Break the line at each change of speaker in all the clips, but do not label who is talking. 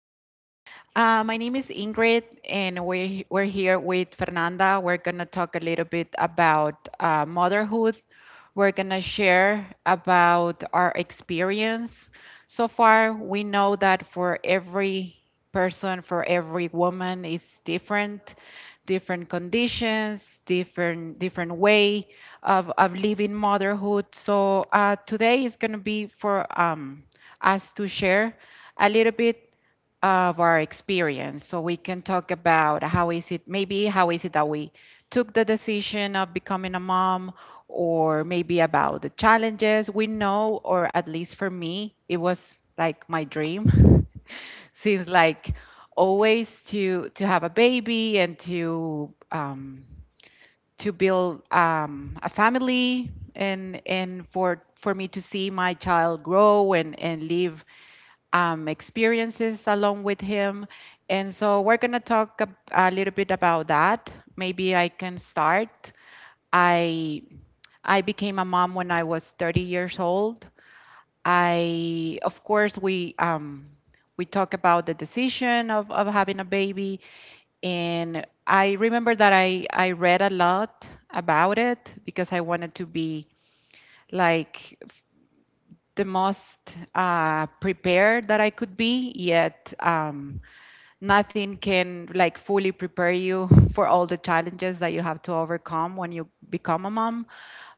Hi, my name is Ingrid, and we're here with Fernanda. We're going to talk a little bit about motherhood. We're going to share about our experience. So far, we know that for every person, for every woman, is different, different conditions, different way of living motherhood. So today is going to be for us to share a little bit of our experience so we can talk about how is it maybe how is it that we took the decision of becoming a mom or maybe about the challenges we know or at least for me it was like my dream since like always to have a baby and to build a family and and for me to see my child grow and live experiences along with him. And so we're going to talk a little bit about that. Maybe I can start. I I became a mom when I was 30 years old. I of course we talk about the decision of having a baby, and I remember that I read a lot about it because I wanted to be like the most prepared that I could be, yet nothing can like fully prepare you for all the challenges that you have to overcome when you become a mom.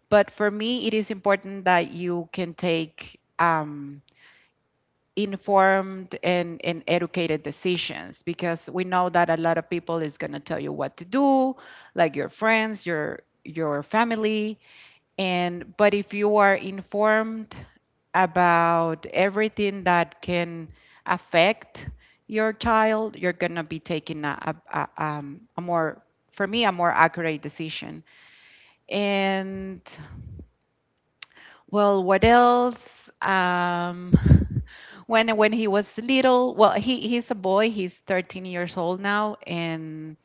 But for me it is important that you can take informed and educated decisions, because we know that a lot of people is going to tell you what to do, like your friends, your family. And but if you are informed about everything that can affect your child, you're gonna be taking a more, for me, a more accurate decision. And well, what else? Um, when he was little, well, he he's a boy. He's 13 years old now, and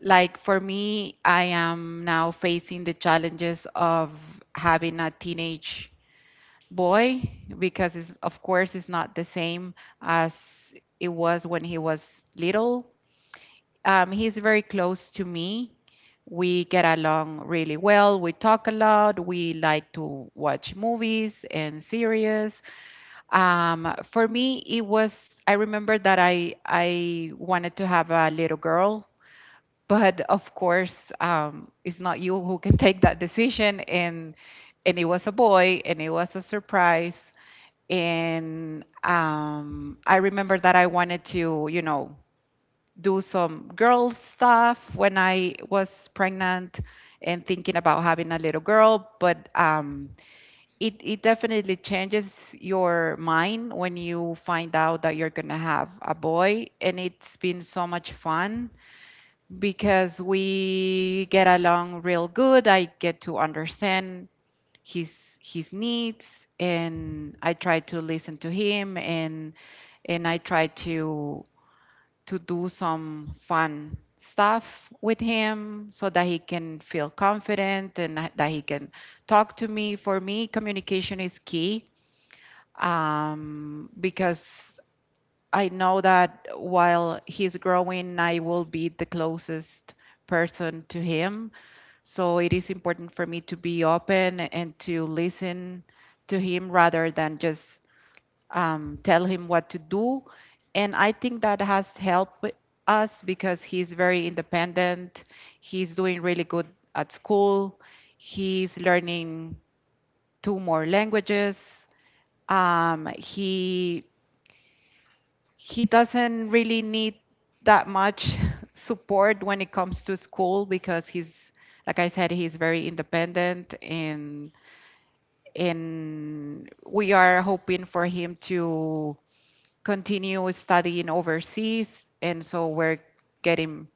like for me, I am now facing the challenges of having a teenage boy, because it's, of course it's not the same as it was when he was little. He's very close to me. We get along really well. We talk a lot. We like to watch movies and series. For me, it was, I remember that I wanted to have a little girl, but of course, it's not you who can take that decision. And it was a boy and it was a surprise, and I remember that I wanted to, you know, do some girl stuff when I was pregnant and thinking about having a little girl. But it it definitely changes your mind when you find out that you're gonna have a boy, and it's been so much fun because we get along real good. I get to understand his needs, and I try to listen to him, and I try to do some fun stuff with him so that he can feel confident and that that he can talk to me. For me, communication is key, because I know that while he's growing, I will be the closest person to him, so it is important for me to be open and to listen to him rather than just tell him what to do. And I think that has helped us because he's very independent. He's doing really good at school. He's learning two more languages. He doesn't really need that much support when it comes to school because he's like I said, he's very independent, and we are hoping for him to continue studying overseas, and so we're getting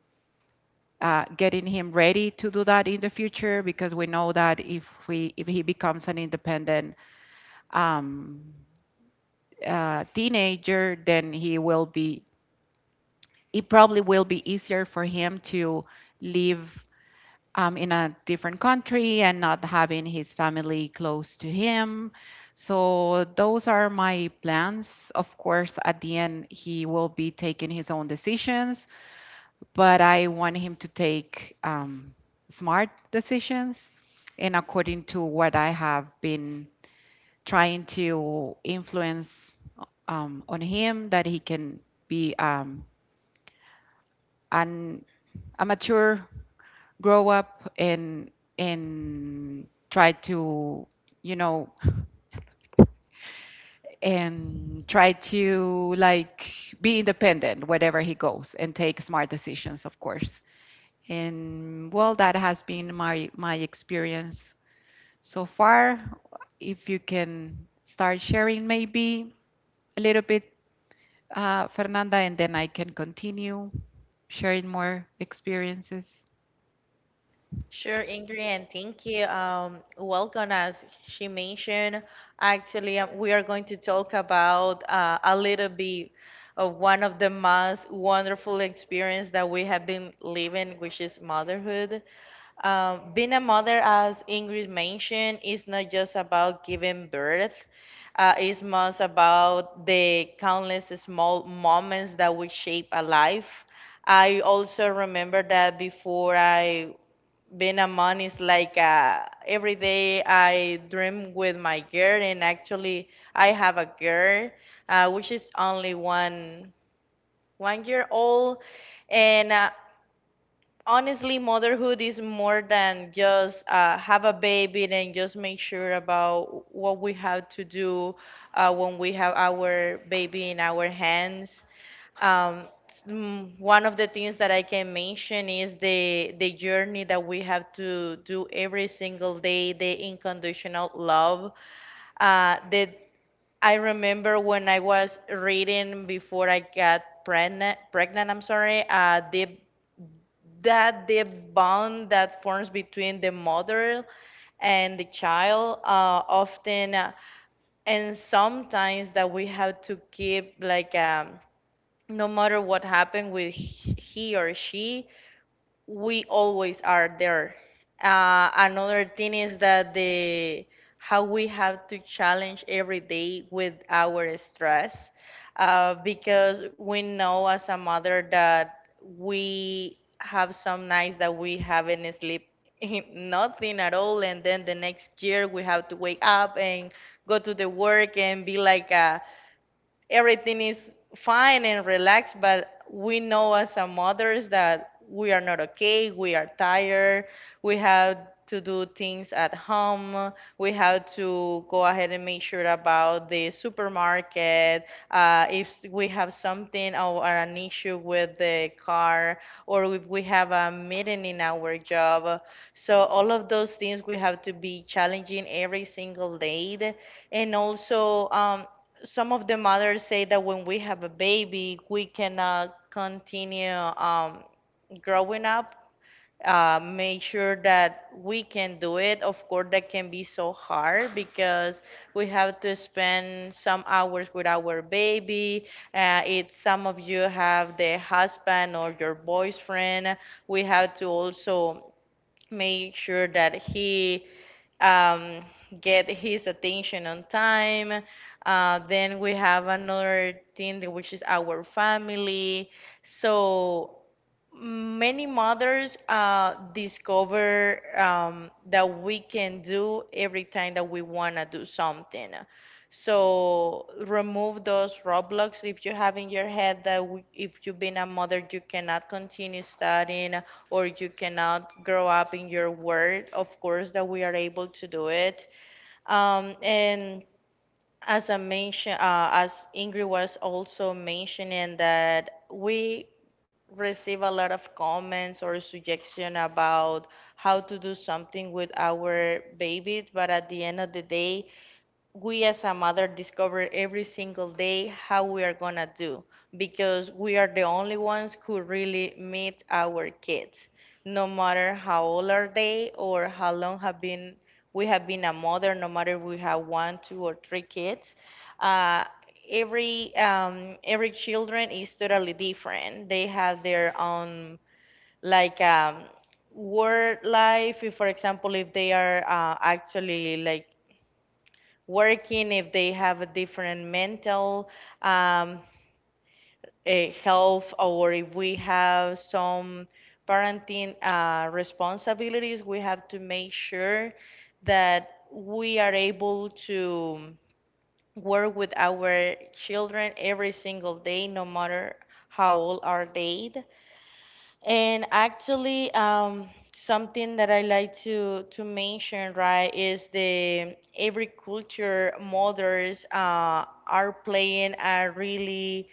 getting him ready to do that in the future, because we know that if we if he becomes an independent um, teenager, then he will be it probably will be easier for him to live in a different country and not having his family close to him. So those are my plans. Of course, at the end, he will be taking his own decisions, but I want him to take smart decisions and according to what I have been trying to influence on him, that he can be an, a mature grow up, and try to, you know, and try to like be independent wherever he goes and take smart decisions, of course. And well, that has been my experience so far. If you can start sharing, maybe a little bit, Fernanda, and then I can continue sharing more experiences.
Sure, Ingrid, and thank you. Welcome, as she mentioned. Actually, we are going to talk about a little bit of one of the most wonderful experience that we have been living, which is motherhood. Being a mother, as Ingrid mentioned, is not just about giving birth. It's most about the countless small moments that will shape a life. I also remember that before I being a mom is like every day I dream with my girl, and actually I have a girl which is only one year old, and honestly, motherhood is more than just have a baby and just make sure about what we have to do when we have our baby in our hands. Um, One of the things that I can mention is the journey that we have to do every single day, the unconditional love. The I remember when I was reading before I got pregnant. Pregnant, I'm sorry. The bond that forms between the mother and the child often, and sometimes that we have to keep like, no matter what happened with he or she, we always are there. Another thing is that the how we have to challenge every day with our stress, because we know as a mother that we have some nights that we haven't sleep nothing at all, and then the next year we have to wake up and go to the work and be like a everything is fine and relaxed, but we know as a mothers that we are not okay, we are tired, we have to do things at home, we have to go ahead and make sure about the supermarket, if we have something or an issue with the car, or if we have a meeting in our job. So all of those things we have to be challenging every single day. And also, some of the mothers say that when we have a baby, we cannot continue growing up. Make sure that we can do it. Of course, that can be so hard because we have to spend some hours with our baby. It some of you have the husband or your boyfriend. We have to also make sure that he, um, get his attention on time. Then we have another thing that- which is our family. So many mothers discover, that we can do every time that we want to do something. So remove those roadblocks if you have in your head that w- if you've been a mother, you cannot continue studying or you cannot grow up in your world. Of course, that we are able to do it. And as I mentioned, as Ingrid was also mentioning that we receive a lot of comments or suggestion about how to do something with our babies, but at the end of the day, we as a mother discover every single day how we are gonna do because we are the only ones who really meet our kids, no matter how old are they or how long have been we have been a mother, no matter we have one, two, or three kids. uh, every children is totally different. They have their own like, work life if, for example, if they are actually like working, if they have a different mental, um, health, or if we have some parenting responsibilities, we have to make sure that we are able to work with our children every single day, no matter how old are they. And actually, something that I like to mention, right, is the every culture mothers are playing a really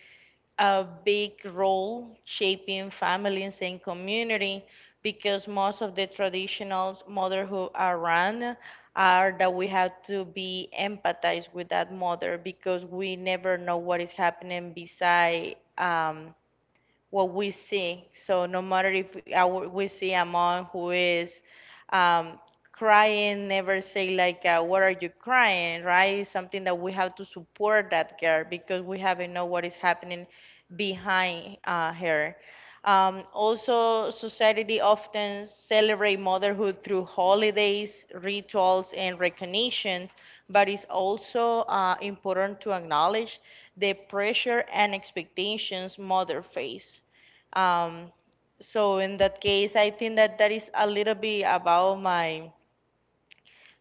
a big role shaping families and community, because most of the traditional motherhood around are that we have to be empathized with that mother because we never know what is happening beside, what we see. So no matter if our, we see a mom who is, um, crying, never say like, "What are you crying?" Right? It's something that we have to support that girl because we haven't know what is happening behind her. Also, society often celebrate motherhood through holidays, rituals, and recognitions, but it's also important to acknowledge the pressure and expectations mother face. Um, so in that case, I think that that is a little bit about my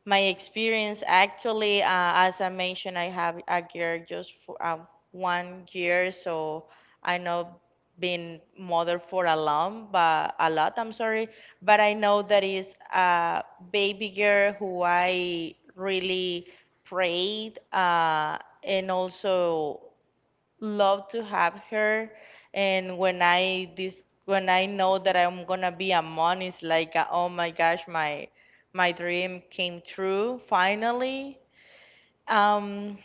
my experience. Actually, as I mentioned, I have a girl just for, 1 year, so I know being mother for a long, but a lot. I'm sorry, but I know that is a baby girl who I really prayed, and also love to have her. And when I this when I know that I'm gonna be a mom, it's like oh my gosh, my dream came true finally. um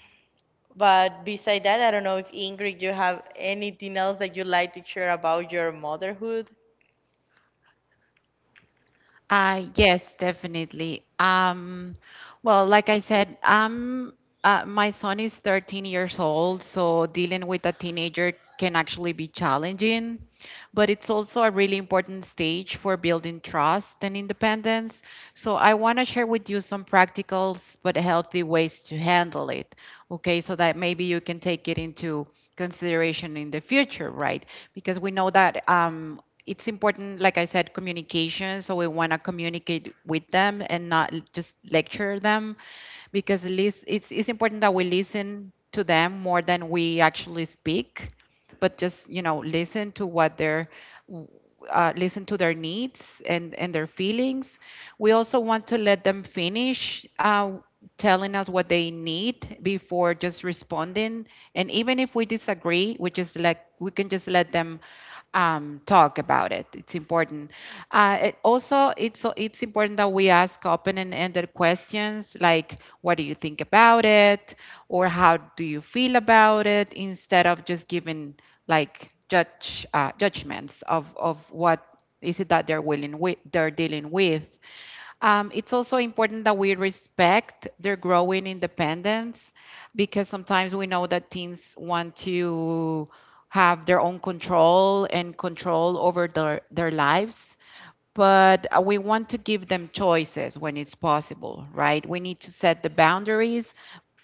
but beside that, I don't know if Ingrid you have anything else that you like to share about your motherhood.
Yes, definitely. Well, like I said, my son is 13 years old, so dealing with a teenager can actually be challenging, but it's also a really important stage for building trust and independence. So I want to share with you some practical but healthy ways to handle it, okay, so that maybe you can take it into consideration in the future, right? Because we know that it's important, like I said, communication. So we want to communicate with them and not just lecture them, because at least it's important that we listen to them more than we actually speak, but just, you know, listen to what w- listen to their needs and their feelings. We also want to let them finish telling us what they need before just responding. And even if we disagree, we just let, we can just let them talk about it. It's important. It also, it's important that we ask open-ended questions like, "What do you think about it?" or "How do you feel about it?" instead of just giving like judge judgments of what is it that they're willing with they're dealing with. It's also important that we respect their growing independence, because sometimes we know that teens want to have their own control and control over their lives, but we want to give them choices when it's possible, right? We need to set the boundaries,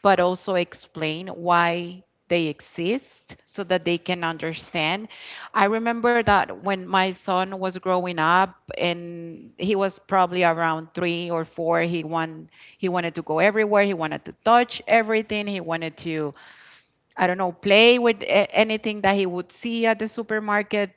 but also explain why they exist so that they can understand. I remember that when my son was growing up and he was probably around 3 or 4, he wanted to go everywhere, he wanted to touch everything, he wanted to I don't know, play with anything that he would see at the supermarket.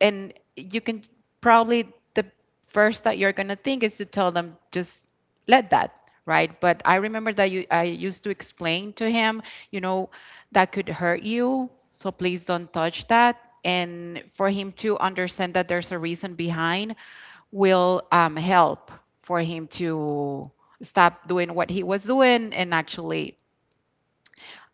And you can probably, the first that you're going to think is to tell them, just let that, right? But I remember that I used to explain to him, you know, that could hurt you. So please don't touch that. And for him to understand that there's a reason behind will help for him to stop doing what he was doing and actually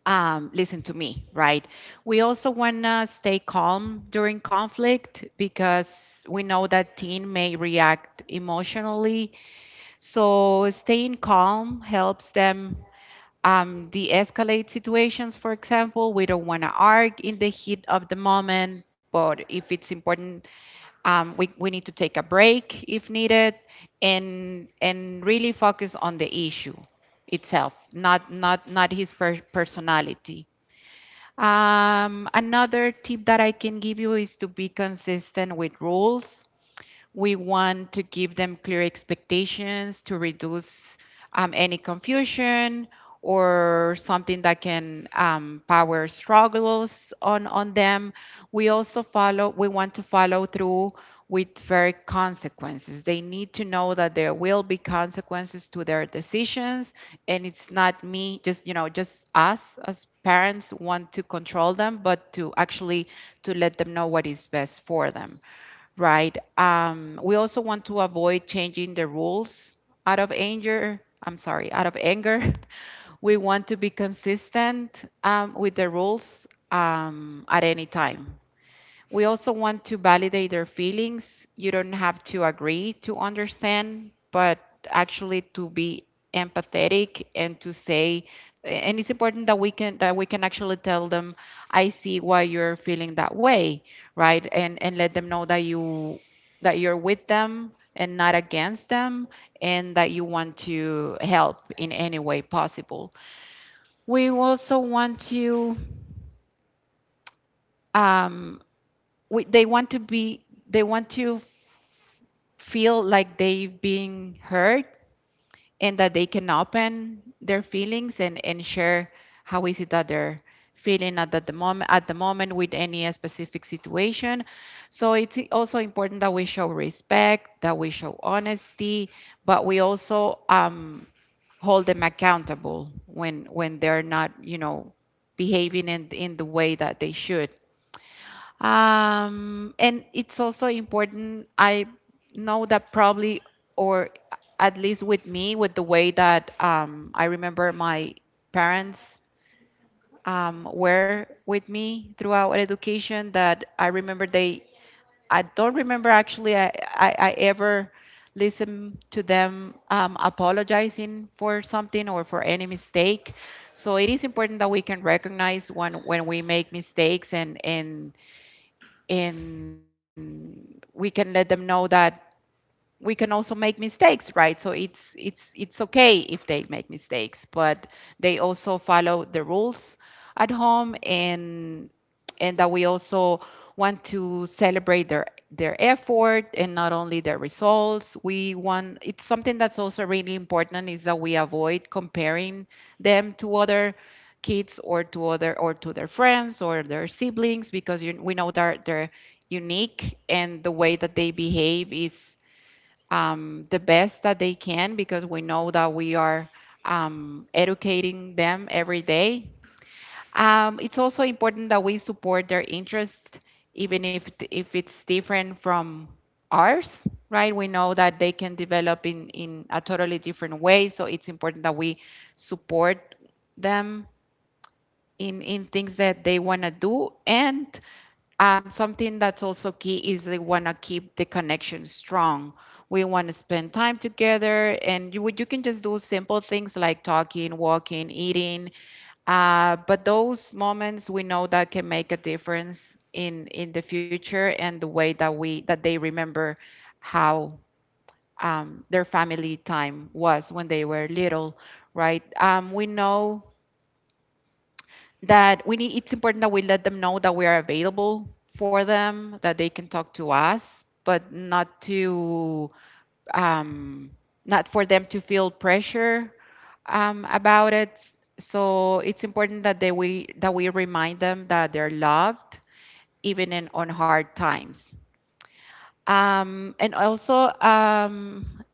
listen to me, right? We also want to stay calm during conflict, because we know that teen may react emotionally. So staying calm helps them de-escalate situations. For example, we don't want to argue in the heat of the moment, but if it's important, we need to take a break if needed, and really focus on the issue itself, not not his personality. Another tip that I can give you is to be consistent with rules. We want to give them clear expectations to reduce any confusion or something that can power struggles on them. We also follow, we want to follow through with very consequences. They need to know that there will be consequences to their decisions, and it's not me just you know just us as parents want to control them, but to actually to let them know what is best for them. Right. We also want to avoid changing the rules out of anger. I'm sorry, out of anger. We want to be consistent with the rules at any time. We also want to validate their feelings. You don't have to agree to understand, but actually to be empathetic and to say and it's important that we can actually tell them I see why you're feeling that way, right? And let them know that you that you're with them and not against them, and that you want to help in any way possible. We also want to um, they want to feel like they've been heard, and that they can open their feelings and share how is it that they're feeling at the moment at the moment with any specific situation. So it's also important that we show respect, that we show honesty, but we also hold them accountable when they're not you know behaving in the way that they should. And it's also important. I know that probably, or at least with me, with the way that I remember my parents were with me throughout education, that I remember I don't remember actually I ever listened to them apologizing for something or for any mistake. So it is important that we can recognize when we make mistakes and we can let them know that we can also make mistakes, right? So it's okay if they make mistakes, but they also follow the rules at home, and that we also want to celebrate their effort and not only their results. We want, it's something that's also really important, is that we avoid comparing them to other kids, or to other, or to their friends or their siblings, because we know that they're unique, and the way that they behave is the best that they can, because we know that we are educating them every day. It's also important that we support their interest, even if it's different from ours, right? We know that they can develop in a totally different way, so it's important that we support them in things that they want to do. And something that's also key is they want to keep the connection strong. We want to spend time together, and you can just do simple things like talking, walking, eating. But those moments, we know, that can make a difference in the future and the way that we that they remember how their family time was when they were little, right? We know that we need, it's important that we let them know that we are available for them, that they can talk to us, but not to um, not for them to feel pressure about it. So it's important that they we that we remind them that they're loved, even in on hard times. And also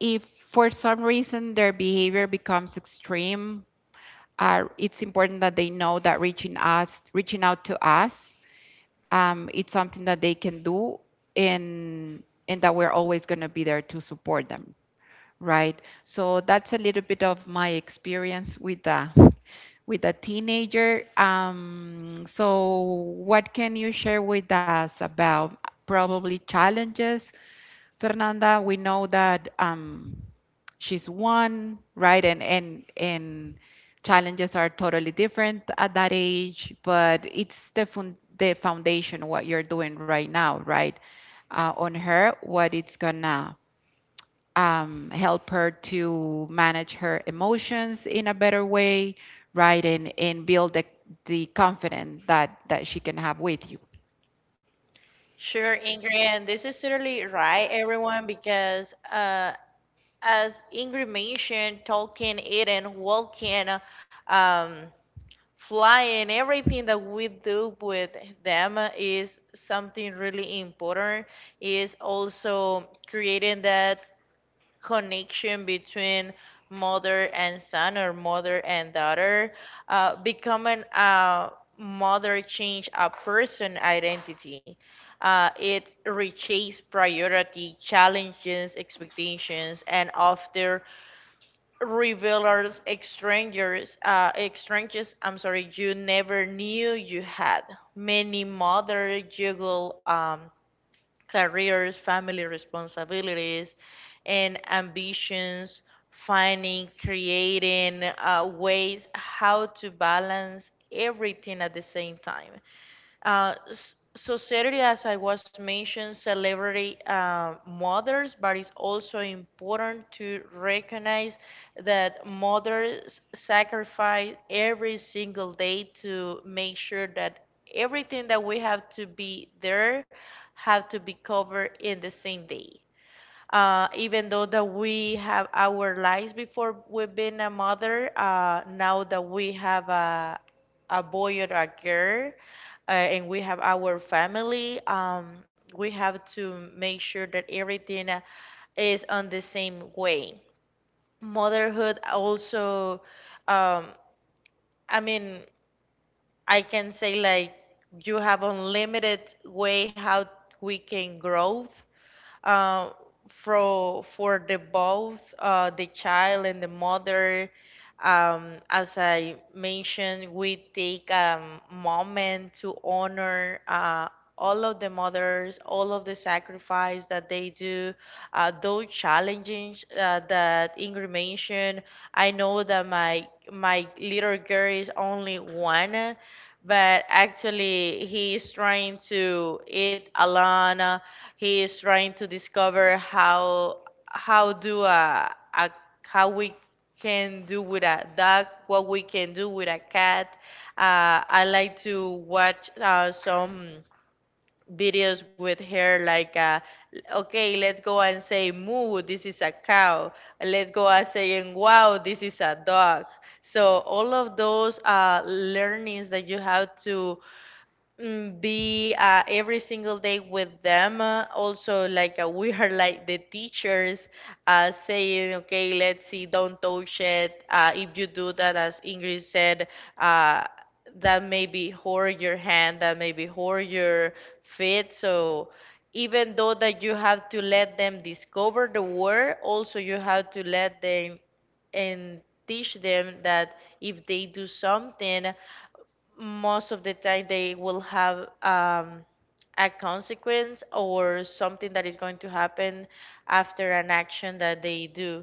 if for some reason their behavior becomes extreme, are it's important that they know that reaching out to us it's something that they can do, and and that we're always going to be there to support them, right? So that's a little bit of my experience with the with a teenager. So what can you share with us about probably challenges, Fernanda? We know that she's one, right? And challenges are totally different at that age, but it's the foundation, what you're doing right now, right? On her, what it's gonna help her to manage her emotions in a better way, right? And build the confidence that she can have with you.
Sure, Ingrid, and this is totally right, everyone, because as Ingrid mentioned, talking, eating, walking, um, flying, everything that we do with them is something really important, is also creating that connection between mother and son or mother and daughter. Becoming a mother change a person identity. It reshapes priority challenges expectations and often revelers, strangers, strangers. I'm sorry, you never knew you had. Many mothers juggle, careers, family responsibilities, and ambitions, finding, creating ways how to balance everything at the same time. Society, as I was mentioned, celebrate mothers, but it's also important to recognize that mothers sacrifice every single day to make sure that everything that we have to be there have to be covered in the same day. Even though that we have our lives before we've been a mother, now that we have a boy or a girl, and we have our family, we have to make sure that everything is on the same way. Motherhood also, um, I mean, I can say like you have unlimited way how we can grow, uh, for for the both the child and the mother. As I mentioned, we take a moment to honor all of the mothers, all of the sacrifice that they do, those challenges that Ingrid mentioned. I know that my little girl is only one, but actually he is trying to eat alone. He is trying to discover how do a how we can do with a dog, what we can do with a cat. I like to watch some videos with her, like, okay, let's go and say moo, this is a cow. Let's go and saying wow, this is a dog. So all of those learnings that you have to, be every single day with them. Also, like, we are like the teachers saying, okay, let's see, don't touch it. If you do that, as Ingrid said, uh, that may be hurt your hand, that may be hurt your feet. So even though that you have to let them discover the world, also you have to let them and teach them that if they do something most of the time they will have, a consequence or something that is going to happen after an action that they do.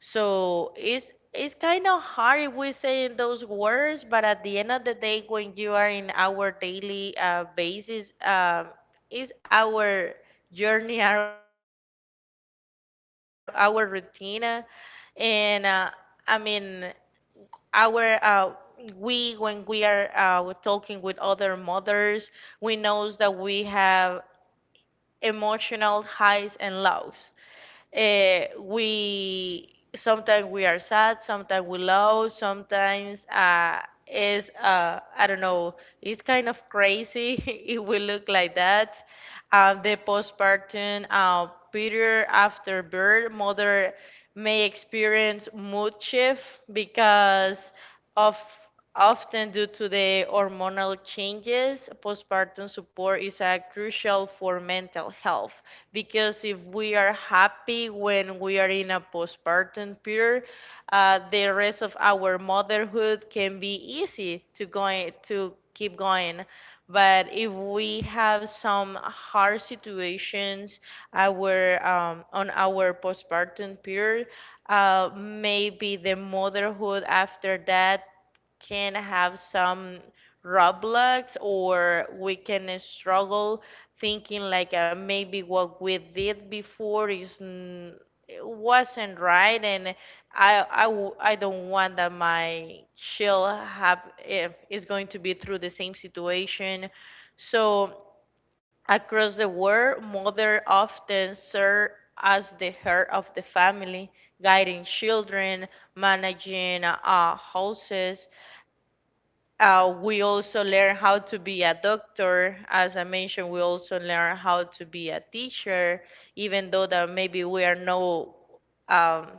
So it's kind of hard if we say in those words, but at the end of the day, when you are in our daily basis, is our journey, our routine, and I mean our, we when we are talking with other mothers, we knows that we have emotional highs and lows. We sometimes we are sad, sometimes we low, sometimes is I don't know, it's kind of crazy. If we look like that, the postpartum period after birth, mother may experience mood shift because of often due to the hormonal changes. Postpartum support is crucial for mental health because if we are happy when we are in a postpartum period, the rest of our motherhood can be easy to going to keep going. But if we have some hard situations our, on our postpartum period, maybe the motherhood after that can have some roadblocks or we can struggle thinking like, maybe what we did before wasn't right, and I don't want that my she have if is going to be through the same situation. So across the world, mother often serve as the heart of the family, guiding children, managing houses. We also learn how to be a doctor. As I mentioned, we also learn how to be a teacher, even though that maybe we are no, um,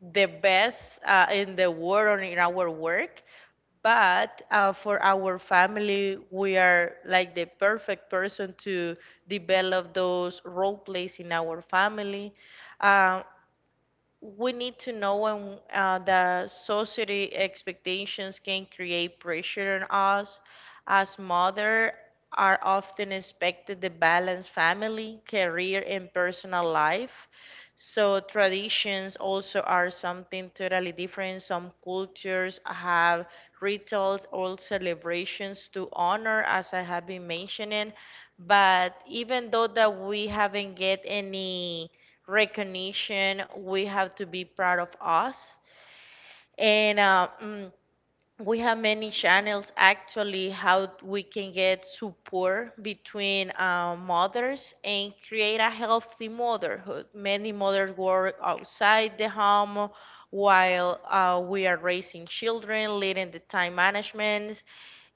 the best in the world or in our work, but for our family we are like the perfect person to develop those role plays in our family. Um, we need to know when the society expectations can create pressure on us. As mother, are often expected to balance family, career, and personal life. So traditions also are something totally different. Some cultures have rituals or celebrations to honor, as I have been mentioning. But even though that we haven't get any recognition. We have to be proud of us. And we have many channels actually how we can get support between mothers and create a healthy motherhood. Many mothers work outside the home while we are raising children, leading the time management,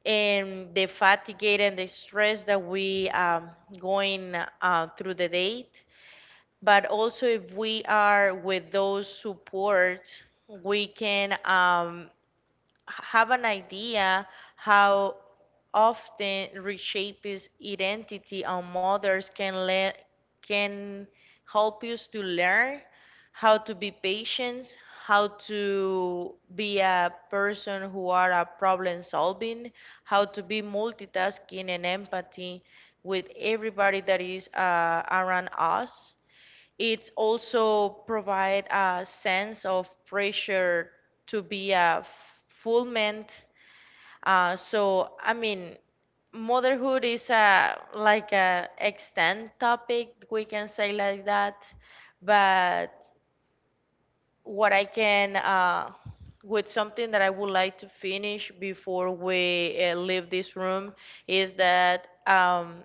and the fatigue and the stress that we, going through the day, but also if we are with those supports, we can, have an idea how often reshape his identity on mothers can let can help us to learn how to be patient, how to be a person who are a problem solving, how to be multitasking and empathy with everybody that is around us. It also provide a sense of pressure to be a fulfillment. Uh, so I mean, Motherhood is a like a extend topic, we can say like that. But what I can with something that I would like to finish before we leave this room is that,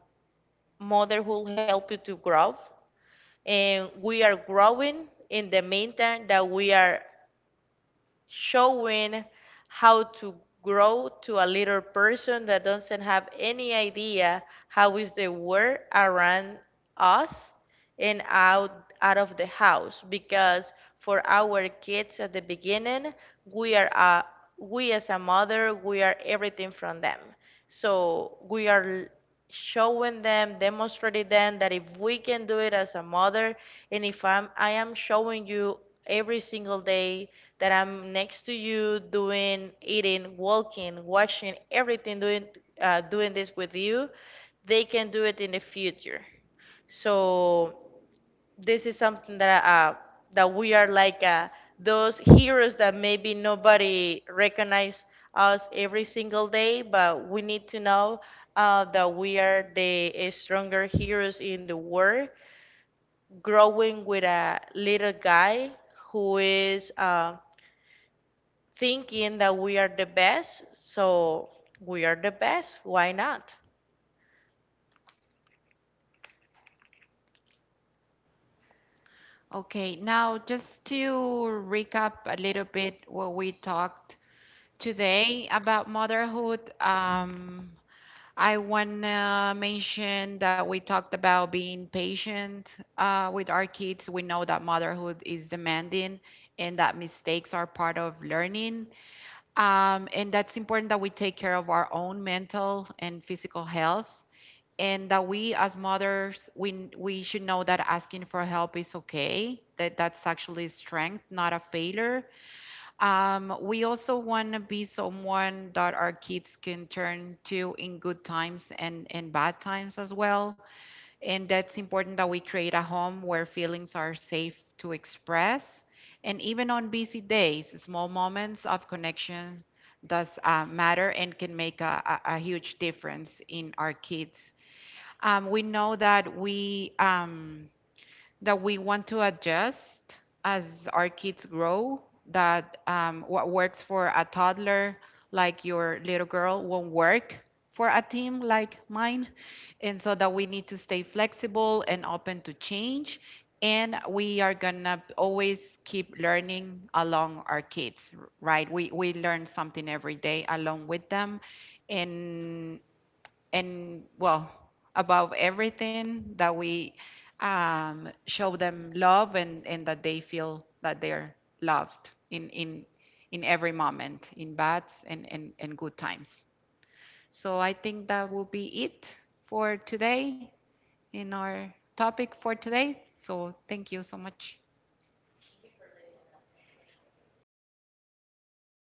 motherhood help you to grow, and we are growing in the meantime that we are showing how to grow to a little person that doesn't have any idea how is the world around us and out of the house, because for our kids at the beginning we are we as a mother we are everything from them. So we are showing them, demonstrating them that if we can do it as a mother, and if I'm, I am showing you every single day that I'm next to you, doing, eating, walking, washing everything, doing, doing this with you, they can do it in the future. So this is something that that we are like, those heroes that maybe nobody recognize us every single day, but we need to know that we are the stronger heroes in the world. Growing with a little guy who is thinking that we are the best, so we are the best. Why not?
Okay, now just to recap a little bit what we talked today about motherhood. I want to mention that we talked about being patient with our kids. We know that motherhood is demanding and that mistakes are part of learning. And that's important that we take care of our own mental and physical health. And that we, as mothers, we should know that asking for help is okay, that that's actually strength, not a failure. We also want to be someone that our kids can turn to in good times and bad times as well. And that's important that we create a home where feelings are safe to express. And even on busy days, small moments of connection does matter and can make a huge difference in our kids. We know that we want to adjust as our kids grow, that what works for a toddler like your little girl won't work for a team like mine. And so that we need to stay flexible and open to change. And we are gonna always keep learning along our kids, right? We learn something every day along with them. And and well, above everything, that we show them love, and that they feel that they're loved in every moment, in bad and good times. So I think that will be it for today in our topic for today. So thank you so much.